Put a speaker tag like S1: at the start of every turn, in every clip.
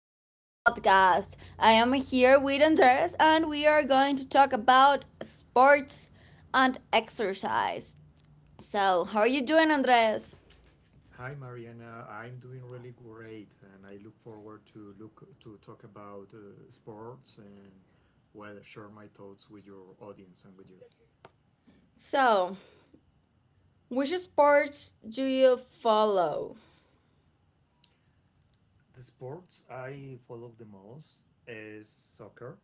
S1: to our podcast. I am here with Andres, and we are going to talk about sports and exercise. So, how are you doing, Andres?
S2: Hi, Mariana. I'm doing really great, and I look forward to look to talk about sports and well, share my thoughts with your audience and with you.
S1: So, which sports do you follow?
S2: The sports I follow the most is soccer.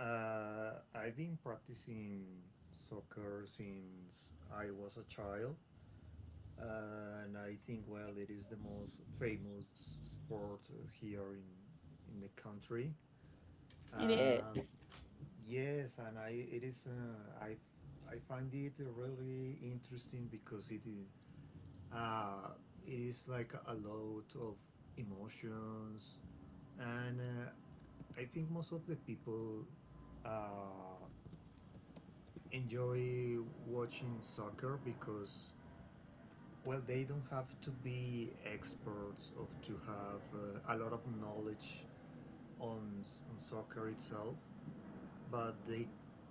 S2: I've been practicing soccer since I was a child, uh, and I think well, it is the most famous sport here in the country.
S1: It
S2: Uh,
S1: is.
S2: Yes, and I it is I find it really interesting because uh, it is like a lot of emotions, and I think most of the people uh, enjoy watching soccer because well, they don't have to be experts or to have a lot of knowledge on on soccer itself, but they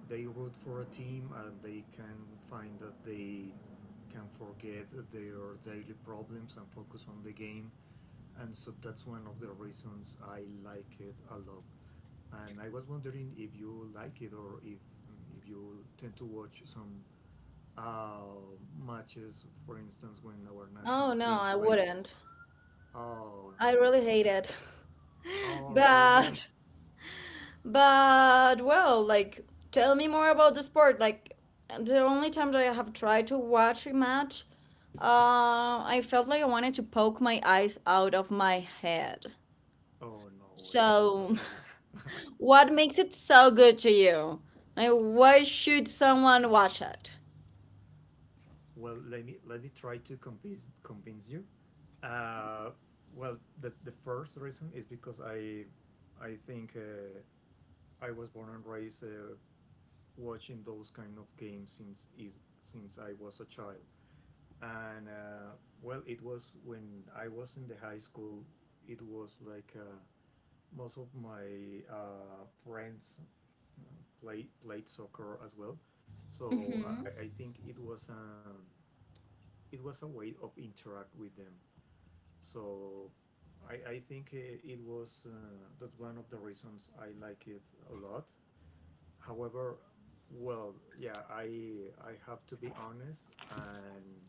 S2: root for a team and they can find that they can forget their daily problems and focus on the game, and so that's one of the reasons I like it a lot. And I was wondering if you like it, or if you tend to watch some uh, matches, for instance when our
S1: Oh
S2: national
S1: no,
S2: team
S1: I
S2: plays.
S1: wouldn't.
S2: Oh
S1: I
S2: no.
S1: really hate it.
S2: Oh really?
S1: But But well, like tell me more about the sport. Like the only time that I have tried to watch a match, I felt like I wanted to poke my eyes out of my head.
S2: Oh no way, that's bad
S1: So,
S2: to hear
S1: what makes it so good to you? Like, why should someone watch it?
S2: Well, let me try to convince you. Uh, well, the first reason is because I think I was born and raised watching those kind of games since I was a child, and well, it was when I was in the high school. It was like most of my friends uh, played soccer as well, so
S1: Mm-hmm.
S2: I think it was a way of interact with them. So I think it was that's one of the reasons I like it a lot. However, well, yeah, I have to be honest, and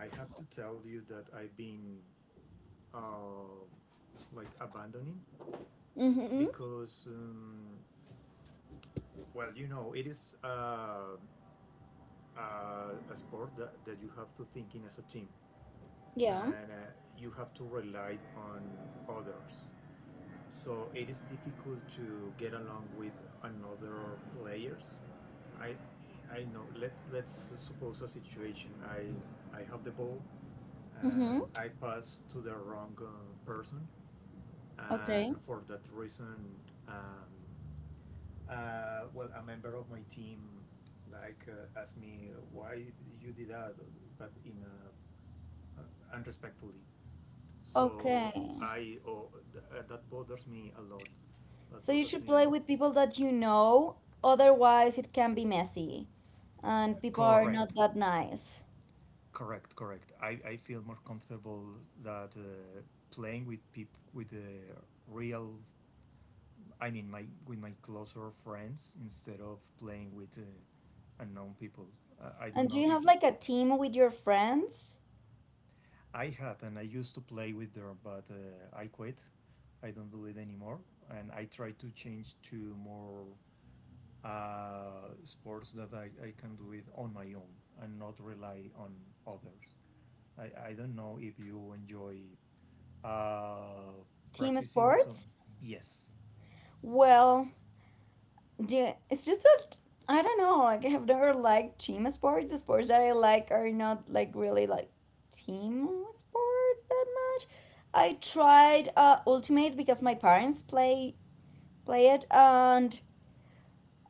S2: I have to tell you that I've been uh, like abandoning,
S1: Mm-hmm.
S2: because well, you know, it is a sport that you have to think in as a team,
S1: Yeah.
S2: and you have to rely on others, so it is difficult to get along with another players. I I know. Let's suppose a situation. I have the ball
S1: Mm-hmm.
S2: and I pass to the wrong person, and
S1: Okay.
S2: for that reason, um, well, a member of my team like asked me why you did that, but in a uh, unrespectfully. So
S1: Okay.
S2: that bothers me a lot. That
S1: So you
S2: bothers
S1: should
S2: me a
S1: play
S2: lot.
S1: with people that you know, otherwise it can be messy and people are not
S2: Correct,
S1: that nice.
S2: correct. I feel more comfortable that playing with people with the real. I mean, my with my closer friends instead of playing with unknown people. I
S1: And
S2: don't
S1: do
S2: know
S1: you
S2: if
S1: have like a team with your friends?
S2: I had, and I used to play with them, but I quit. I don't do it anymore, and I try to change to more sports that I can do it on my own and not rely on others. I don't know if you enjoy uh,
S1: Team
S2: practicing some.
S1: sports?
S2: Yes.
S1: Well, do it's just that I don't know, like I've never liked team sports. The sports that I like are not like really like team sports that much. I tried Ultimate because my parents play it and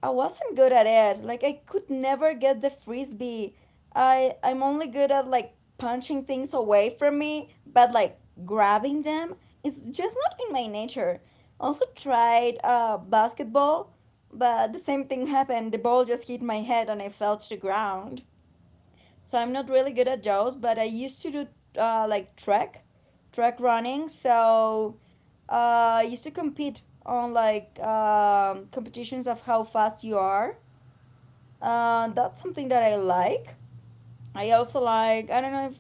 S1: I wasn't good at it. Like I could never get the frisbee. I'm only good at like punching things away from me, but like grabbing them is just not in my nature. Also tried basketball, but the same thing happened. The ball just hit my head and I fell to the ground. So I'm not really good at those, but I used to do like track running. So I used to compete on like competitions of how fast you are, that's something that I like. I also like, I don't know if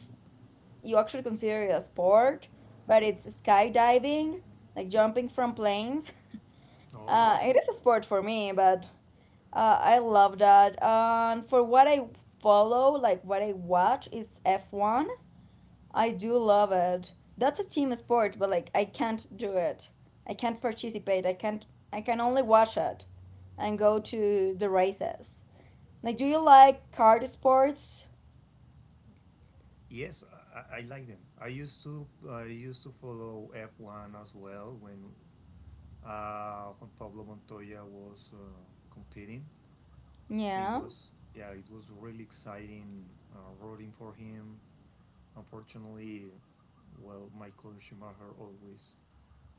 S1: you actually consider it a sport, but it's skydiving, like jumping from planes.
S2: Oh yeah.
S1: It is a sport for me, but I love that. And for what I follow, like what I watch, is F1. I do love it. That's a team sport, but like I can't do it. I can't participate. I can't, I can only watch it and go to the races. Like, do you like card sports?
S2: Yes, I like them. I used to follow F1 as well when Pablo Montoya was competing. It
S1: Yeah,
S2: was Yeah, it was really exciting rooting for him. Unfortunately, well, Michael Schumacher always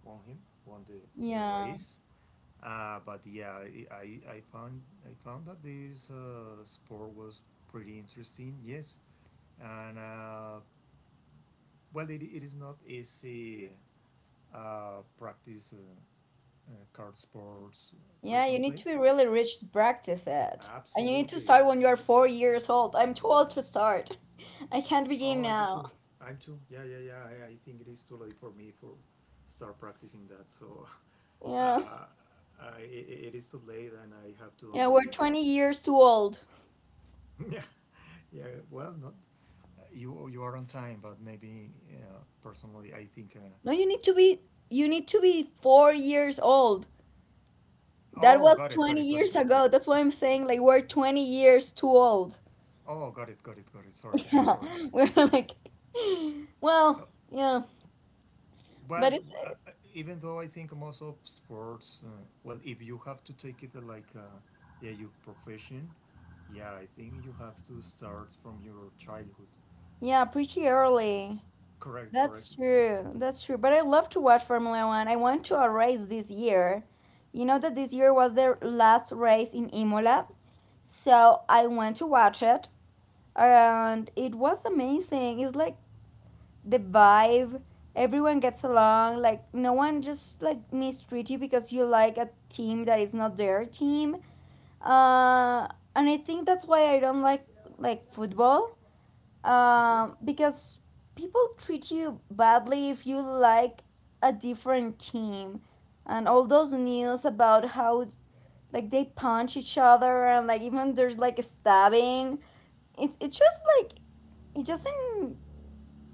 S2: won him, won the, the
S1: yeah,
S2: race. But yeah, I found that this sport was pretty interesting. Yes, and well, it is not easy practice card sports
S1: yeah. You need
S2: frequently.
S1: to be really rich to practice it, and you need to
S2: Absolutely.
S1: start when you are 4 years old. I'm too old to start. I can't begin
S2: Oh, I do
S1: now.
S2: too. I'm too. Yeah, yeah, yeah. I think it is too late for me for start practicing that. So
S1: Yeah,
S2: uh, it it is too late, and I have to
S1: yeah. We're
S2: only
S1: 20 years too old.
S2: Yeah, yeah. Well, not you. You are on time, but maybe personally, I think.
S1: No, you need to be. You need to be 4 years old. That
S2: Oh,
S1: was
S2: got it, got
S1: twenty
S2: it, got it,
S1: years
S2: got it.
S1: ago. That's why I'm saying like we're 20 years too old.
S2: Oh, got it, got it, got it. Sorry, I'm
S1: Yeah,
S2: sorry.
S1: we're like, well,
S2: Uh,
S1: yeah. But
S2: But
S1: it's
S2: even though I think most of sports, well, if you have to take it like, yeah, your profession, yeah, I think you have to start from your childhood.
S1: Yeah, pretty early.
S2: Correct, correct.
S1: That's true. That's true. But I love to watch Formula One. I went to a race this year. You know that this year was their last race in Imola. So I went to watch it and it was amazing. It's like the vibe. Everyone gets along. Like no one just like mistreat you because you like a team that is not their team. Uh, and I think that's why I don't like football,
S2: Okay.
S1: because people treat you badly if you like a different team and all those news about how like they punch each other and like even there's like a stabbing, it's just like it doesn't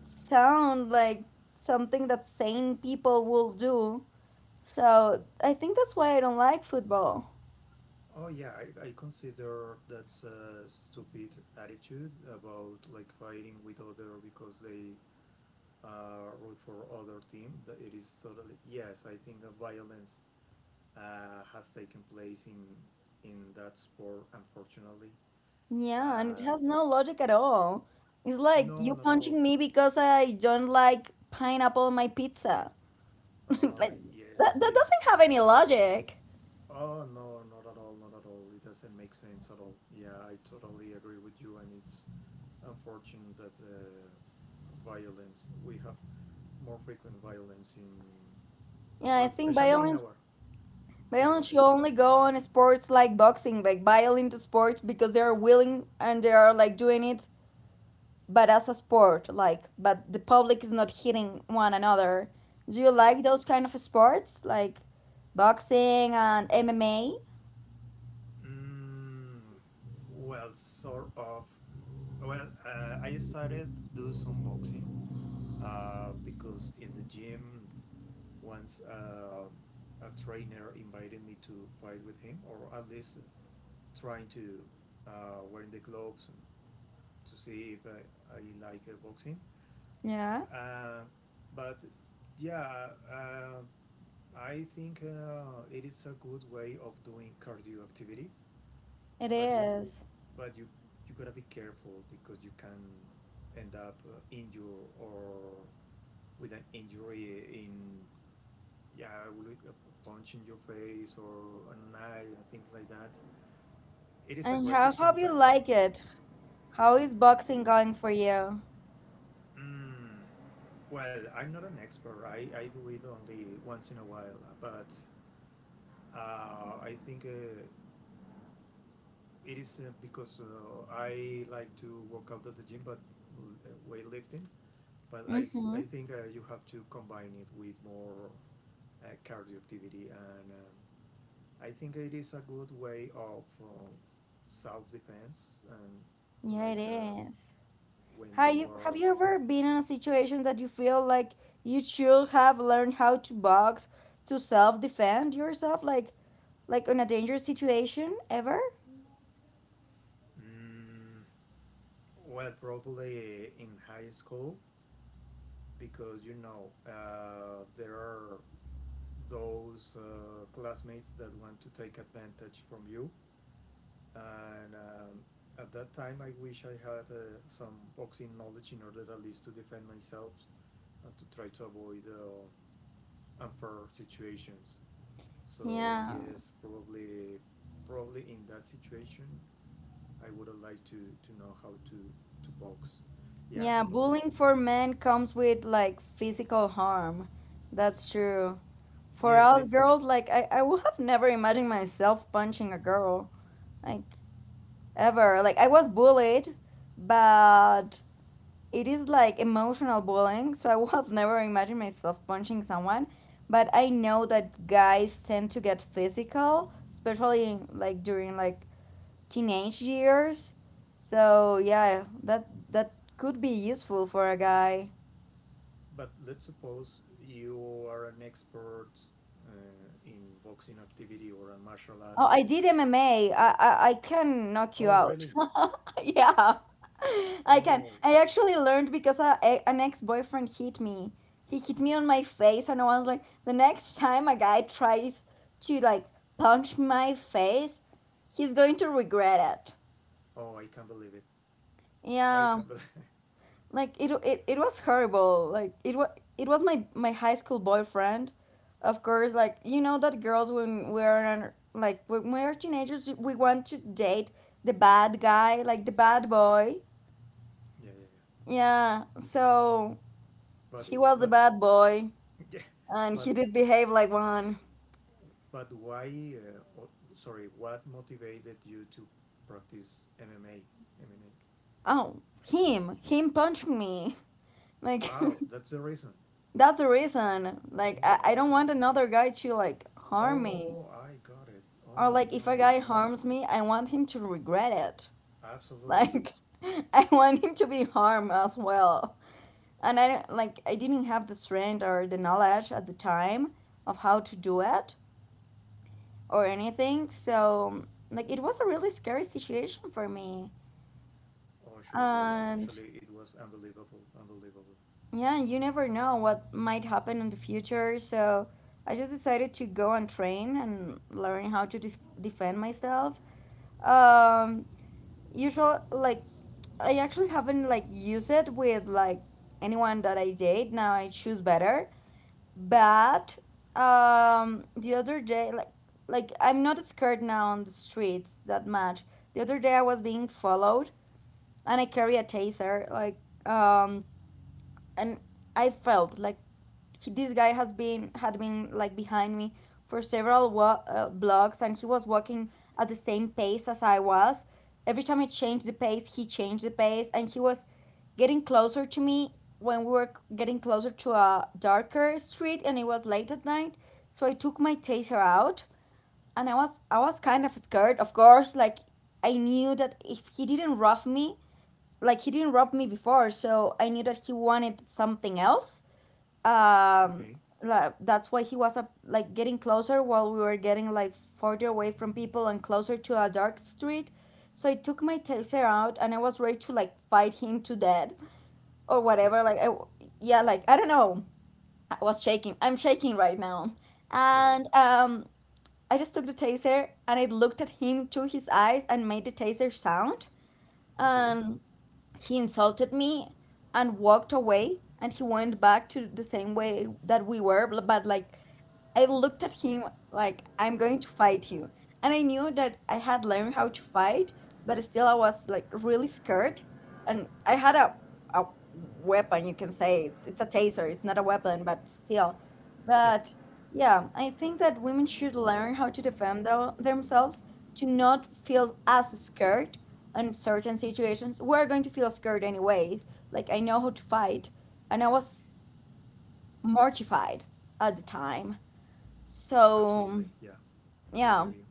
S1: sound like something that sane people will do, so I think that's why I don't like football.
S2: Oh yeah, I consider that's a stupid attitude about like fighting with other because they root for other team. That it is totally yes. I think that violence has taken place in that sport. Unfortunately,
S1: Yeah, and it
S2: uh,
S1: has no logic at all. It's like
S2: no,
S1: you
S2: not at all.
S1: punching me because I don't like pineapple on my pizza. Like
S2: Yes,
S1: that,
S2: it.
S1: doesn't have any logic.
S2: Oh no, not at all, not at all. It doesn't make sense at all. Yeah, I totally agree with you, and it's unfortunate that violence we have more frequent violence in
S1: Yeah,
S2: well,
S1: I think
S2: especially in our. Yeah. Go
S1: violence
S2: ahead.
S1: should only go on sports like boxing, like violent sports because they are willing and they are like doing it, but as a sport, like but the public is not hitting one another. Do you
S2: Correct.
S1: like those kind of sports? Like boxing and MMA?
S2: Mm, well, sort of. Well, I started to do some boxing because in the gym once a trainer invited me to fight with him, or at least trying to wearing the gloves and to see if I like boxing.
S1: Yeah,
S2: Uh, but yeah, I think it is a good way of doing cardio activity,
S1: it
S2: but you
S1: is.
S2: but you you gotta be careful because you can end up injured or with an injury in, yeah, like a punch in your face or an eye and things like that. It is
S1: And how
S2: aggressive
S1: have you
S2: sometimes.
S1: like it? How is boxing going for you?
S2: Mm. Well, I'm not an expert. I do it only once in a while, but I think it is because I like to work out at the gym, but weightlifting. But
S1: Mm-hmm.
S2: I think you have to combine it with more cardio activity, and I think it is a good way of self defense and
S1: Yeah, it
S2: like
S1: is.
S2: when
S1: Have
S2: you
S1: you, have
S2: are.
S1: you ever been in a situation that you feel like you should have learned how to box to self defend yourself, like in a dangerous situation ever?
S2: mm, well, probably in high school, because you know there are those classmates that want to take advantage from you, and at that time I wish I had some boxing knowledge in order at least to defend myself and to try to avoid unfair situations. So
S1: Yeah,
S2: yes, probably in that situation I would have liked to know how to box. Yeah,
S1: yeah.
S2: totally.
S1: Bullying for men comes with like physical harm. That's true. For
S2: Yes, I
S1: us
S2: think.
S1: girls, like I would have never imagined myself punching a girl, like ever. Like I was bullied, but it is like emotional bullying. So I would have never imagined myself punching someone, but I know that guys tend to get physical, especially during teenage years. So yeah, that could be useful for a guy.
S2: But let's suppose you are an expert uh, in boxing activity or a martial art.
S1: Oh, I did MMA. I can knock you
S2: Oh,
S1: out.
S2: really?
S1: Yeah, I can.
S2: Oh,
S1: I actually learned because an ex-boyfriend hit me. He hit me on my face, and I was like, the next time a guy tries to like punch my face, he's going to regret it.
S2: oh, I can't believe it. I
S1: Yeah.
S2: can, but
S1: Like it was horrible, like it was my my high school boyfriend. Of course, like you know that girls when we're like when we're teenagers, we want to date the bad guy, like the bad boy.
S2: yeah, yeah, yeah.
S1: Yeah, so
S2: But
S1: he was the
S2: but
S1: bad boy
S2: yeah,
S1: and
S2: but
S1: he did behave like one.
S2: but why? Or, sorry, what motivated you to practice MMA? MMA.
S1: Oh, him punched me, like
S2: Oh, that's the reason.
S1: that's the reason. Like
S2: Oh,
S1: I don't
S2: got
S1: want
S2: it.
S1: another guy to like harm me.
S2: Oh, I got it.
S1: Or
S2: Oh,
S1: like if a
S2: not at
S1: guy
S2: all.
S1: harms me, I want him to regret it.
S2: Absolutely.
S1: Like I want him to be harmed as well. And I don't- like I didn't have the strength or the knowledge at the time of how to do it or anything. So like it was a really scary situation for me.
S2: Oh, sure. Well,
S1: And
S2: actually, it was unbelievable. Unbelievable.
S1: yeah, you never know what might happen in the future. So I just decided to go and train and learn how to defend myself. Um, Usually, like I actually haven't like used it with like anyone that I date. Now I choose better. But the other day, like I'm not scared now on the streets that much. The other day I was being followed and I carry a taser, like um and I felt like this guy has been had been like behind me for several blocks and he was walking at the same pace as I was. Every time I changed the pace, he changed the pace, and he was getting closer to me when we were getting closer to a darker street and it was late at night. So I took my taser out and I was kind of scared. Of course, like I knew that if he didn't rob me, like he didn't rob me before, so I knew that he wanted something else. um
S2: Okay.
S1: that's why he was like getting closer while we were getting like further away from people and closer to a dark street. So I took my taser out and I was ready to like fight him to death or
S2: Yeah.
S1: whatever. Yeah, like I don't know. I was shaking. I'm shaking right now.
S2: Yeah. Yeah.
S1: And I just took the taser and I looked at him to his eyes and made the taser sound,
S2: Okay.
S1: and he insulted me and walked away and he went back to the same way that we were. But like I looked at him like I'm going to fight you, and I knew that I had learned how to fight, but still I was like really scared. And I had a weapon. You can say it's a taser, it's not a weapon, but still
S2: Yep.
S1: but yeah, I think that women should learn how to defend themselves, to not feel as scared. Uncertain situations, we're going to feel scared anyways. Like I know how to fight, and I was mortified at the time.
S2: Absolutely.
S1: So
S2: Yeah. I hear
S1: yeah,
S2: you.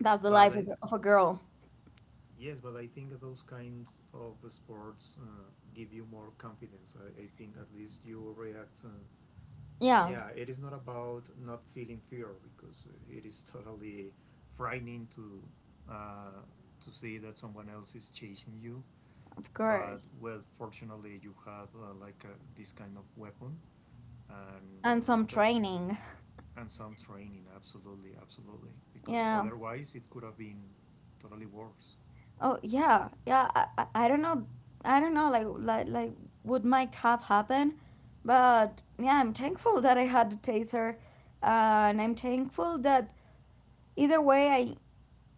S1: that's the
S2: But
S1: life
S2: I,
S1: of, of a girl.
S2: Yes, but I think those kinds of sports give you more confidence. I think at least you react.
S1: Yeah,
S2: Yeah, it is not about not feeling fear because it is totally frightening uh, to see that someone else is chasing you.
S1: of
S2: But
S1: course,
S2: well, fortunately, you have like this kind of weapon and
S1: and some
S2: the,
S1: training.
S2: and some training. Absolutely, absolutely, because
S1: Yeah.
S2: otherwise it could have been totally worse.
S1: Oh yeah, yeah. I don't know. I don't know. Like would might have happened, but yeah, I'm thankful that I had the taser, uh, and I'm thankful that either way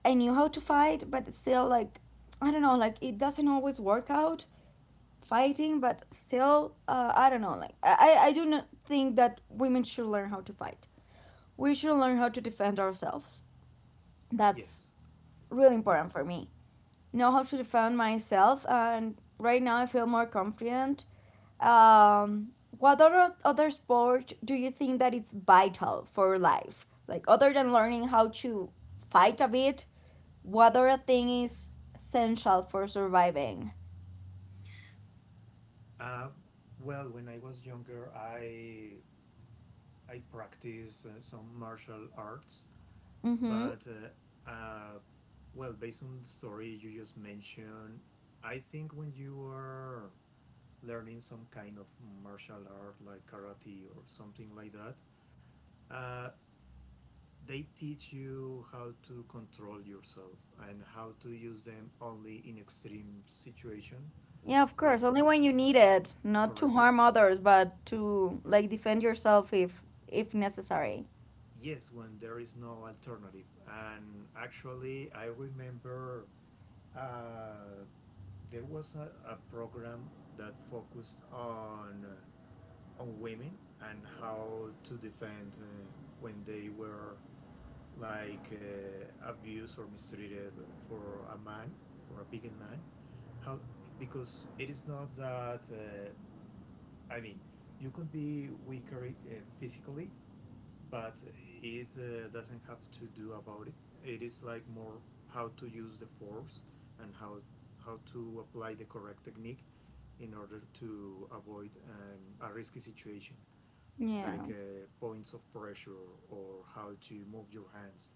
S1: I knew how to fight, but still, like, I don't know, like, it doesn't always work out fighting, but still, I don't know, like, I do not think that women should learn how to fight. We should learn how to defend ourselves. That's
S2: Yes.
S1: really important for me. Know how to defend myself, and right now I feel more confident. Um, what other sport do you think that it's vital for life? Like other than learning how to fight a bit, what other thing is essential for surviving?
S2: Uh, well, when I was younger, I practiced some martial arts,
S1: Mm-hmm.
S2: but well, based on the story you just mentioned, I think when you are learning some kind of martial art like karate or something like that, uh, they teach you how to control yourself and how to use them only in extreme situation,
S1: Yeah, of
S2: like
S1: course. Only when you need it, not to
S2: correct.
S1: harm others, but to like defend yourself if necessary.
S2: Yes, when there is no alternative. And actually, I remember uh, there was a program that focused on women and how to defend when they were like abused or mistreated for a man or a vegan man. How, because it is not that I mean, you could be weaker physically, but it doesn't have to do about it. It is like more how to use the force and how to apply the correct technique in order to avoid a risky situation,
S1: Yeah.
S2: like points of pressure or how to move your hands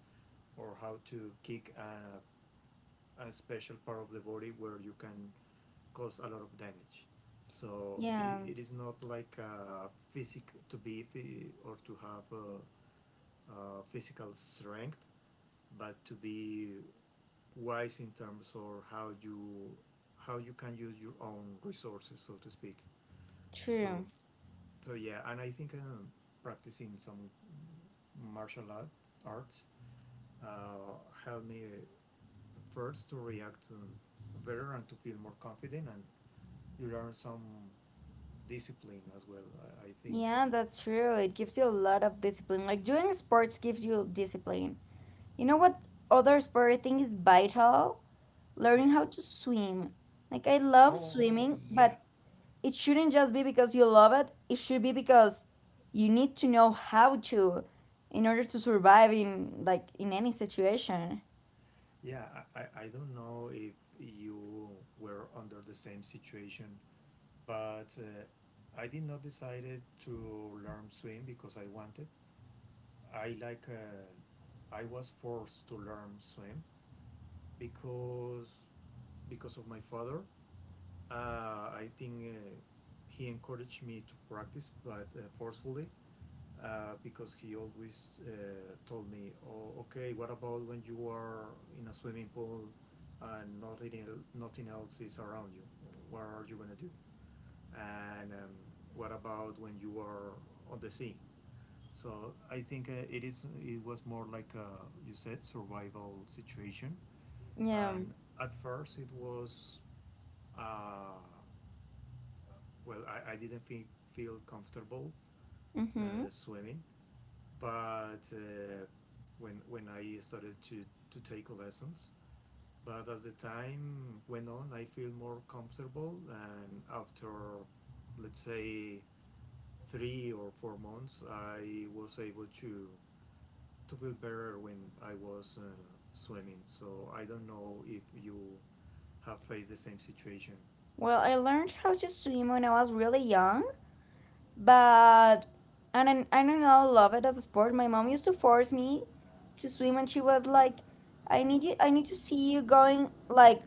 S2: or how to kick a special part of the body where you can cause a lot of damage. So
S1: Yeah.
S2: it is not like physic to be or to have physical strength, but to be wise in terms of how you can use your own resources, so to speak. So
S1: True.
S2: yeah, and I think practicing some martial art, arts uh, helped me first to react better and to feel more confident, and you learn some discipline as well. I think.
S1: Yeah, that's true. It gives you a lot of discipline. Like doing sports gives you discipline. You know what other sport I think is vital? Learning
S2: Yeah.
S1: how to swim. Like I love
S2: Oh
S1: swimming,
S2: yeah.
S1: but it shouldn't just be because you love it, it should be because you need to know how to, in order to survive in like in any situation.
S2: Yeah. I don't know if you were under the same situation, but I did not decided to learn swim because I wanted. I like. I was forced to learn swim because because of my father. I think he encouraged me to practice, but forcefully, because he always told me, "Oh, okay. What about when you are in a swimming pool and nothing else is around you? What are you gonna do? And What about when you are on the sea?" So I think it is. It was more like a, you said survival situation,
S1: Yeah,
S2: and at first it was. Uh, well, I didn't think, feel comfortable
S1: mm-hmm.
S2: swimming, but when I started to take lessons, but as the time went on, I feel more comfortable, and after, let's say, 3 or 4 months, I was able to feel better when I was swimming. So I don't know if you have faced the same situation.
S1: Well, I learned how to swim when I was really young, but and I don't know love it as a sport. My mom used to force me to swim, and she was like, I need to see you going like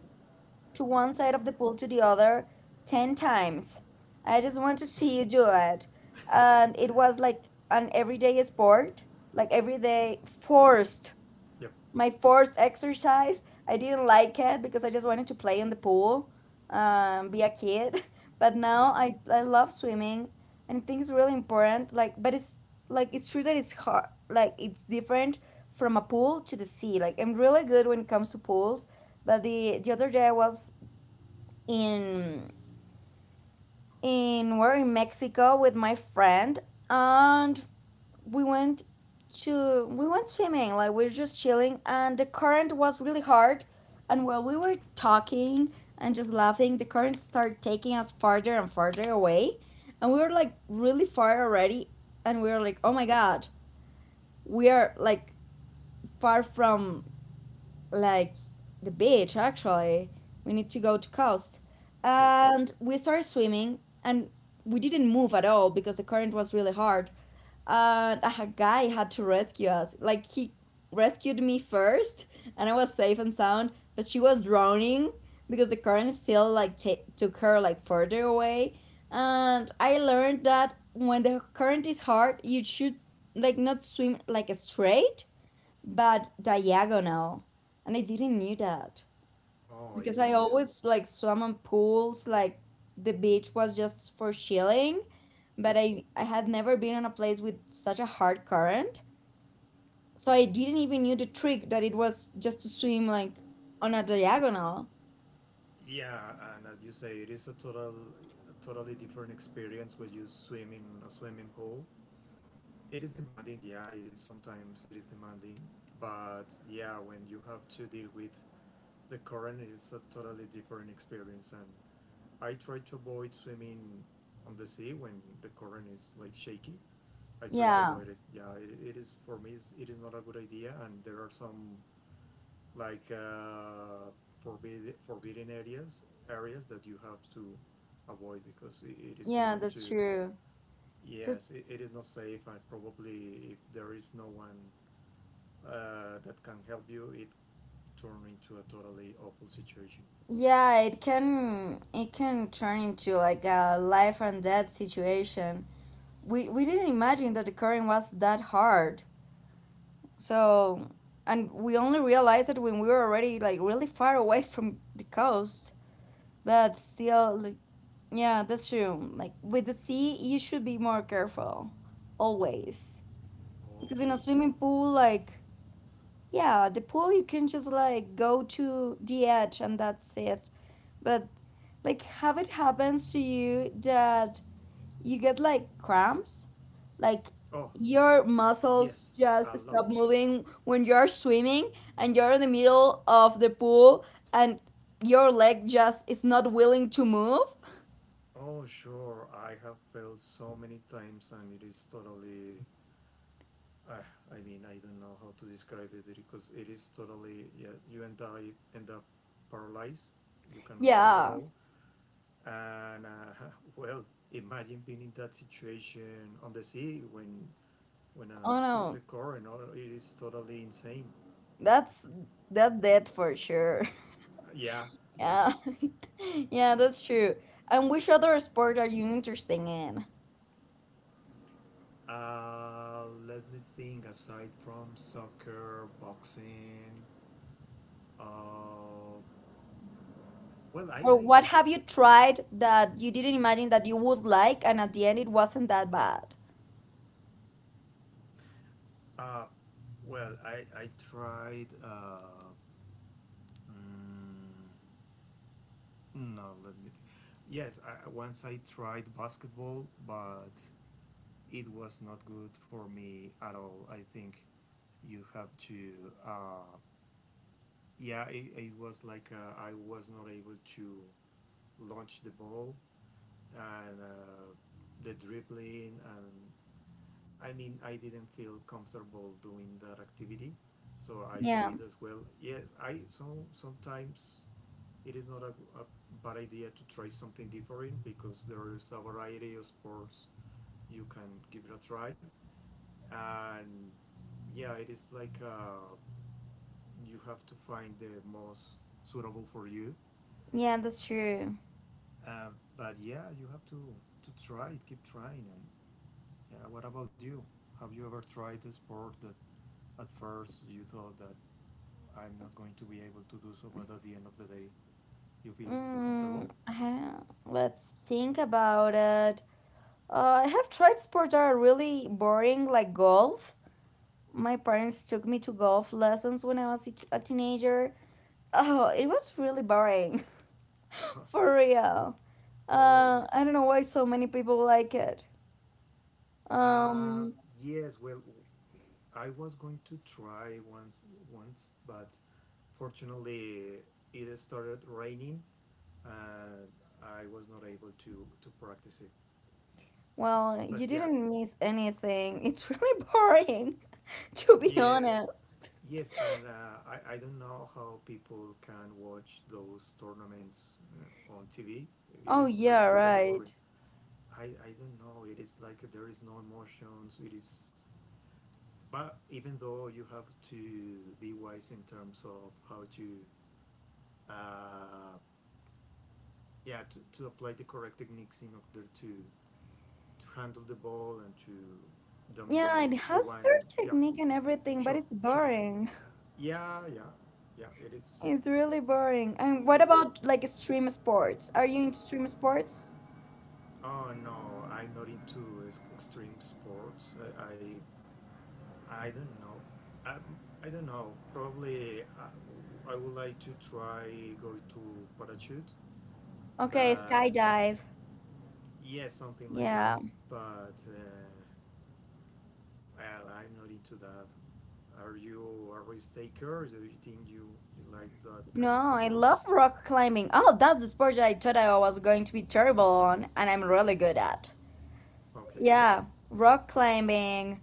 S1: to one side of the pool to the other 10 times. I just want to see you do it. And it was like an everyday sport, like every day forced,
S2: Yep.
S1: my forced exercise. I didn't like it because I just wanted to play in the pool, be a kid. But
S2: Yeah.
S1: now I love swimming, and I think it's really important. Like, but it's like it's true that it's hard, like it's different from a pool to the sea. Like, I'm really good when it comes to pools. But the other day I was in in, we're in Mexico with my friend, and we went to, we went swimming. Like we were just chilling, and the current was really hard. And while we were talking and just laughing, the current started taking us farther and farther away, and we were like really far already. And we were like, oh my god, we are like far from, like, the beach actually. We need to go to coast.
S2: Yep.
S1: And we started swimming, and we didn't move at all because the current was really hard. And a guy had to rescue us. Like he rescued me first and I was safe and sound, but she was drowning because the current still like took her like further away. And I learned that when the current is hard, you should like not swim like straight but diagonal. And I didn't knew that
S2: Oh, I
S1: because
S2: didn't
S1: I
S2: either.
S1: always like swam on pools, like the beach was just for chilling,
S2: Yep.
S1: but I had never been on a place with such a hard current. So I didn't even knew the trick that it was just to swim like on a diagonal.
S2: Yeah, and as you say, it is a a totally different experience when you swim in a swimming pool. It is demanding, yeah. It is Sometimes it is demanding, but yeah, when you have to deal with the current, it's a totally different experience. And I try to avoid swimming on the sea when the current is like shaky. I try to
S1: Yeah,
S2: avoid it. Yeah, it is for me. It is not a good idea, and there are some like forbidden areas that you have to avoid because it is
S1: yeah,
S2: not
S1: that's
S2: too
S1: true. Just
S2: yes it is not safe and probably if there is no one that can help you it turn into a totally awful situation.
S1: yeah, it can, it can turn into like a life and death situation. We didn't imagine that the current was that hard. So, and we only realized it when we were already like really far away from the coast. But still, like, yeah, that's true. Like with the sea, you should be more careful always, because in a
S2: Okay.
S1: swimming pool, like, yeah, the pool you can just like go to the edge and that's it. But like, have it happens to you that you get like cramps, like
S2: Oh
S1: your muscles
S2: yes, a
S1: just stop
S2: lot.
S1: moving when you're swimming and you're in the middle of the pool, and your leg just is not willing to move.
S2: Oh sure, I have failed so many times and it is totally uh, I mean, I don't know how to describe it because it is totally yeah. You end up paralyzed. You cannot move at
S1: Yeah.
S2: all. And well, imagine being in that situation on the sea when
S1: Oh
S2: with
S1: no,
S2: the current. Or it is totally insane.
S1: that's, that's dead for sure.
S2: Yeah, yeah.
S1: Yeah. Yeah, that's true. And which other sport are you interested in,
S2: Let me think. Aside from soccer, boxing. Uh, well, I
S1: or
S2: like.
S1: what have you tried that you didn't imagine that you would like, and at the end it wasn't that bad?
S2: Uh, well, I tried. Mm, no, let me Think. Yes, I, once I tried basketball, but it was not good for me at all. I think you have to. Uh, yeah, it was like I was not able to launch the ball and the dribbling, and I mean, I didn't feel comfortable doing that activity, so I
S1: Yeah,
S2: quit as well. Yes, I so sometimes it is not a, a bad idea to try something different because there is a variety of sports you can give it a try and yeah it is like you have to find the most suitable for you
S1: yeah, that's true.
S2: uh, but yeah you have to try it, keep trying and yeah what about you, have you ever tried a sport that at first you thought that I'm not going to be able to do so, but at the end of the day you feel
S1: Mm,
S2: comfortable?
S1: let's think about it. I have tried sports that are really boring, like golf. My parents took me to golf lessons when I was a a teenager. Oh, it was really boring, for real.
S2: Oh.
S1: I don't know why so many people like it.
S2: uh,
S1: Um,
S2: yes well, I was going to try once, but fortunately it started raining and I was not able to practice it.
S1: well, you
S2: But yeah,
S1: didn't miss anything. It's really boring, to be
S2: yes,
S1: honest.
S2: yes, and I don't know how people can watch those tournaments on TV. It
S1: Oh,
S2: is like
S1: yeah,
S2: pretty
S1: right.
S2: worrying. I don't know. It is like there is no emotions. It is. But even though you have to be wise in terms of how to uh, yeah to apply the correct techniques in order to handle the ball and to
S1: Yeah, it
S2: dominate the
S1: has
S2: wine
S1: their
S2: yeah
S1: technique and everything, but
S2: sure
S1: it's
S2: sure sure sure
S1: boring.
S2: yeah yeah yeah it is
S1: It's really boring. And what
S2: yes.
S1: about like extreme sports? Are you into extreme sports?
S2: Oh no, I'm not into extreme sports. I don't know, I, I don't know, probably I would like to try going to parachute
S1: Okay,
S2: but
S1: skydive.
S2: yeah something like that
S1: Yeah.
S2: but well, I'm not into that. Are you a risk taker? Do you think you like that
S1: No,
S2: kind of
S1: I
S2: sports?
S1: love rock climbing. Oh, that's the sport that I thought I was going to be terrible on, and I'm really good at.
S2: Okay.
S1: Yeah, rock climbing.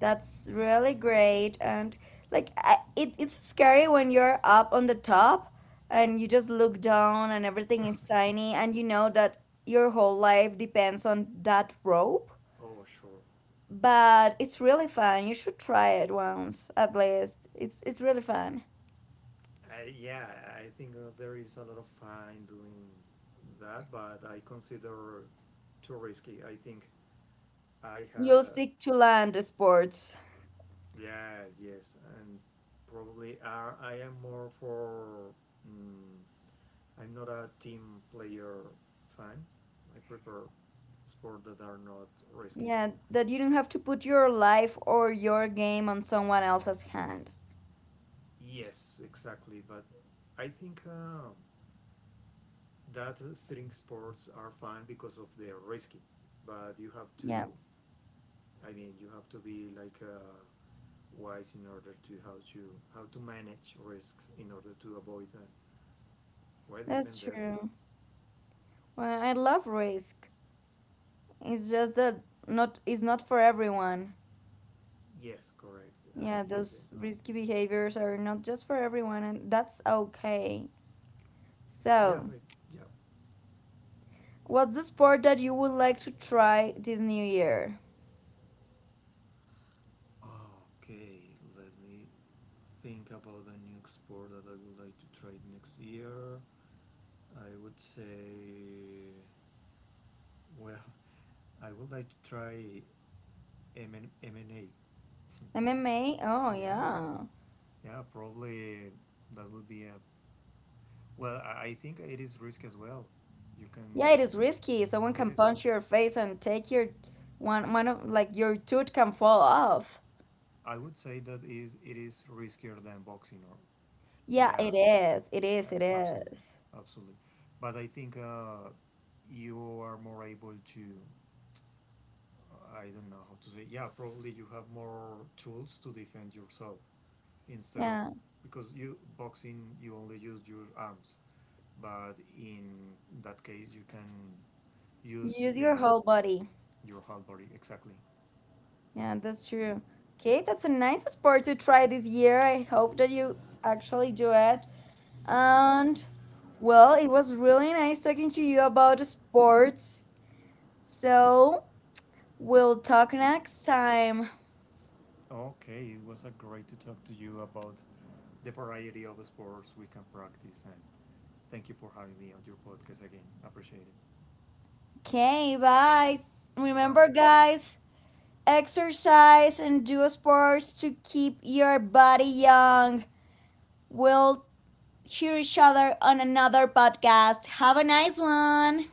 S1: That's really great. And like, I, it's scary when you're up on the top and you just look down and everything is tiny, and you know that your whole life depends on that rope,
S2: Oh, sure.
S1: but it's really fun. You should try it once at least. It's really fun.
S2: I, yeah, I think that there is a lot of fun doing that, but I consider too risky. I think I
S1: You'll
S2: have
S1: stick to land sports.
S2: yes, yes, and probably are, I am more for. Mm, I'm not a team player fan. I prefer sports that are not risky.
S1: Yeah, that you don't have to put your life or your game on someone else's hand.
S2: Yes, exactly. But I think that string sports are fun because of their risky. But you have
S1: Yeah,
S2: to, I mean, you have to be like wise in order to how to manage risks in order to avoid well even
S1: that's
S2: death.
S1: true. Well, I love risk. It's just that, not, it's not for everyone.
S2: Yes, correct. I
S1: Yeah,
S2: think.
S1: those risky behaviors are not just for everyone, and that's okay.
S2: Yeah,
S1: So,
S2: but yeah.
S1: what's the sport that you would like to try this new year?
S2: Okay, let me think about a new sport that I would like to try next year. I would say, well, I would like to try MMA.
S1: MMA? Oh
S2: Yeah,
S1: yeah.
S2: yeah, probably that would be a. Well, I think it is risk as well. You
S1: Yeah,
S2: can.
S1: it is risky. Someone
S2: It
S1: can
S2: is.
S1: punch your face and take your one of like your tooth can fall off.
S2: I would say that is it is riskier than boxing. Or
S1: Yeah,
S2: yeah,
S1: it is. It is. It
S2: absolutely,
S1: is.
S2: absolutely. But I think you are more able to. I don't know how to say. Yeah, probably you have more tools to defend yourself instead of
S1: Yeah.
S2: because you boxing you only use your arms but in that case you can
S1: You
S2: use
S1: use your whole body.
S2: your whole body exactly.
S1: Yeah, that's true. Okay, that's a nice sport to try this year. I hope that you actually do it. And well, it was really nice talking to you about sports. So, we'll talk next time.
S2: Okay, it was a great to talk to you about the variety of sports we can practice and thank you for having me on your podcast again, appreciate it.
S1: Okay, bye.
S2: Bye
S1: Remember,
S2: bye.
S1: guys, exercise and do sports to keep your body young. We'll hear each other on another podcast. Have a nice one.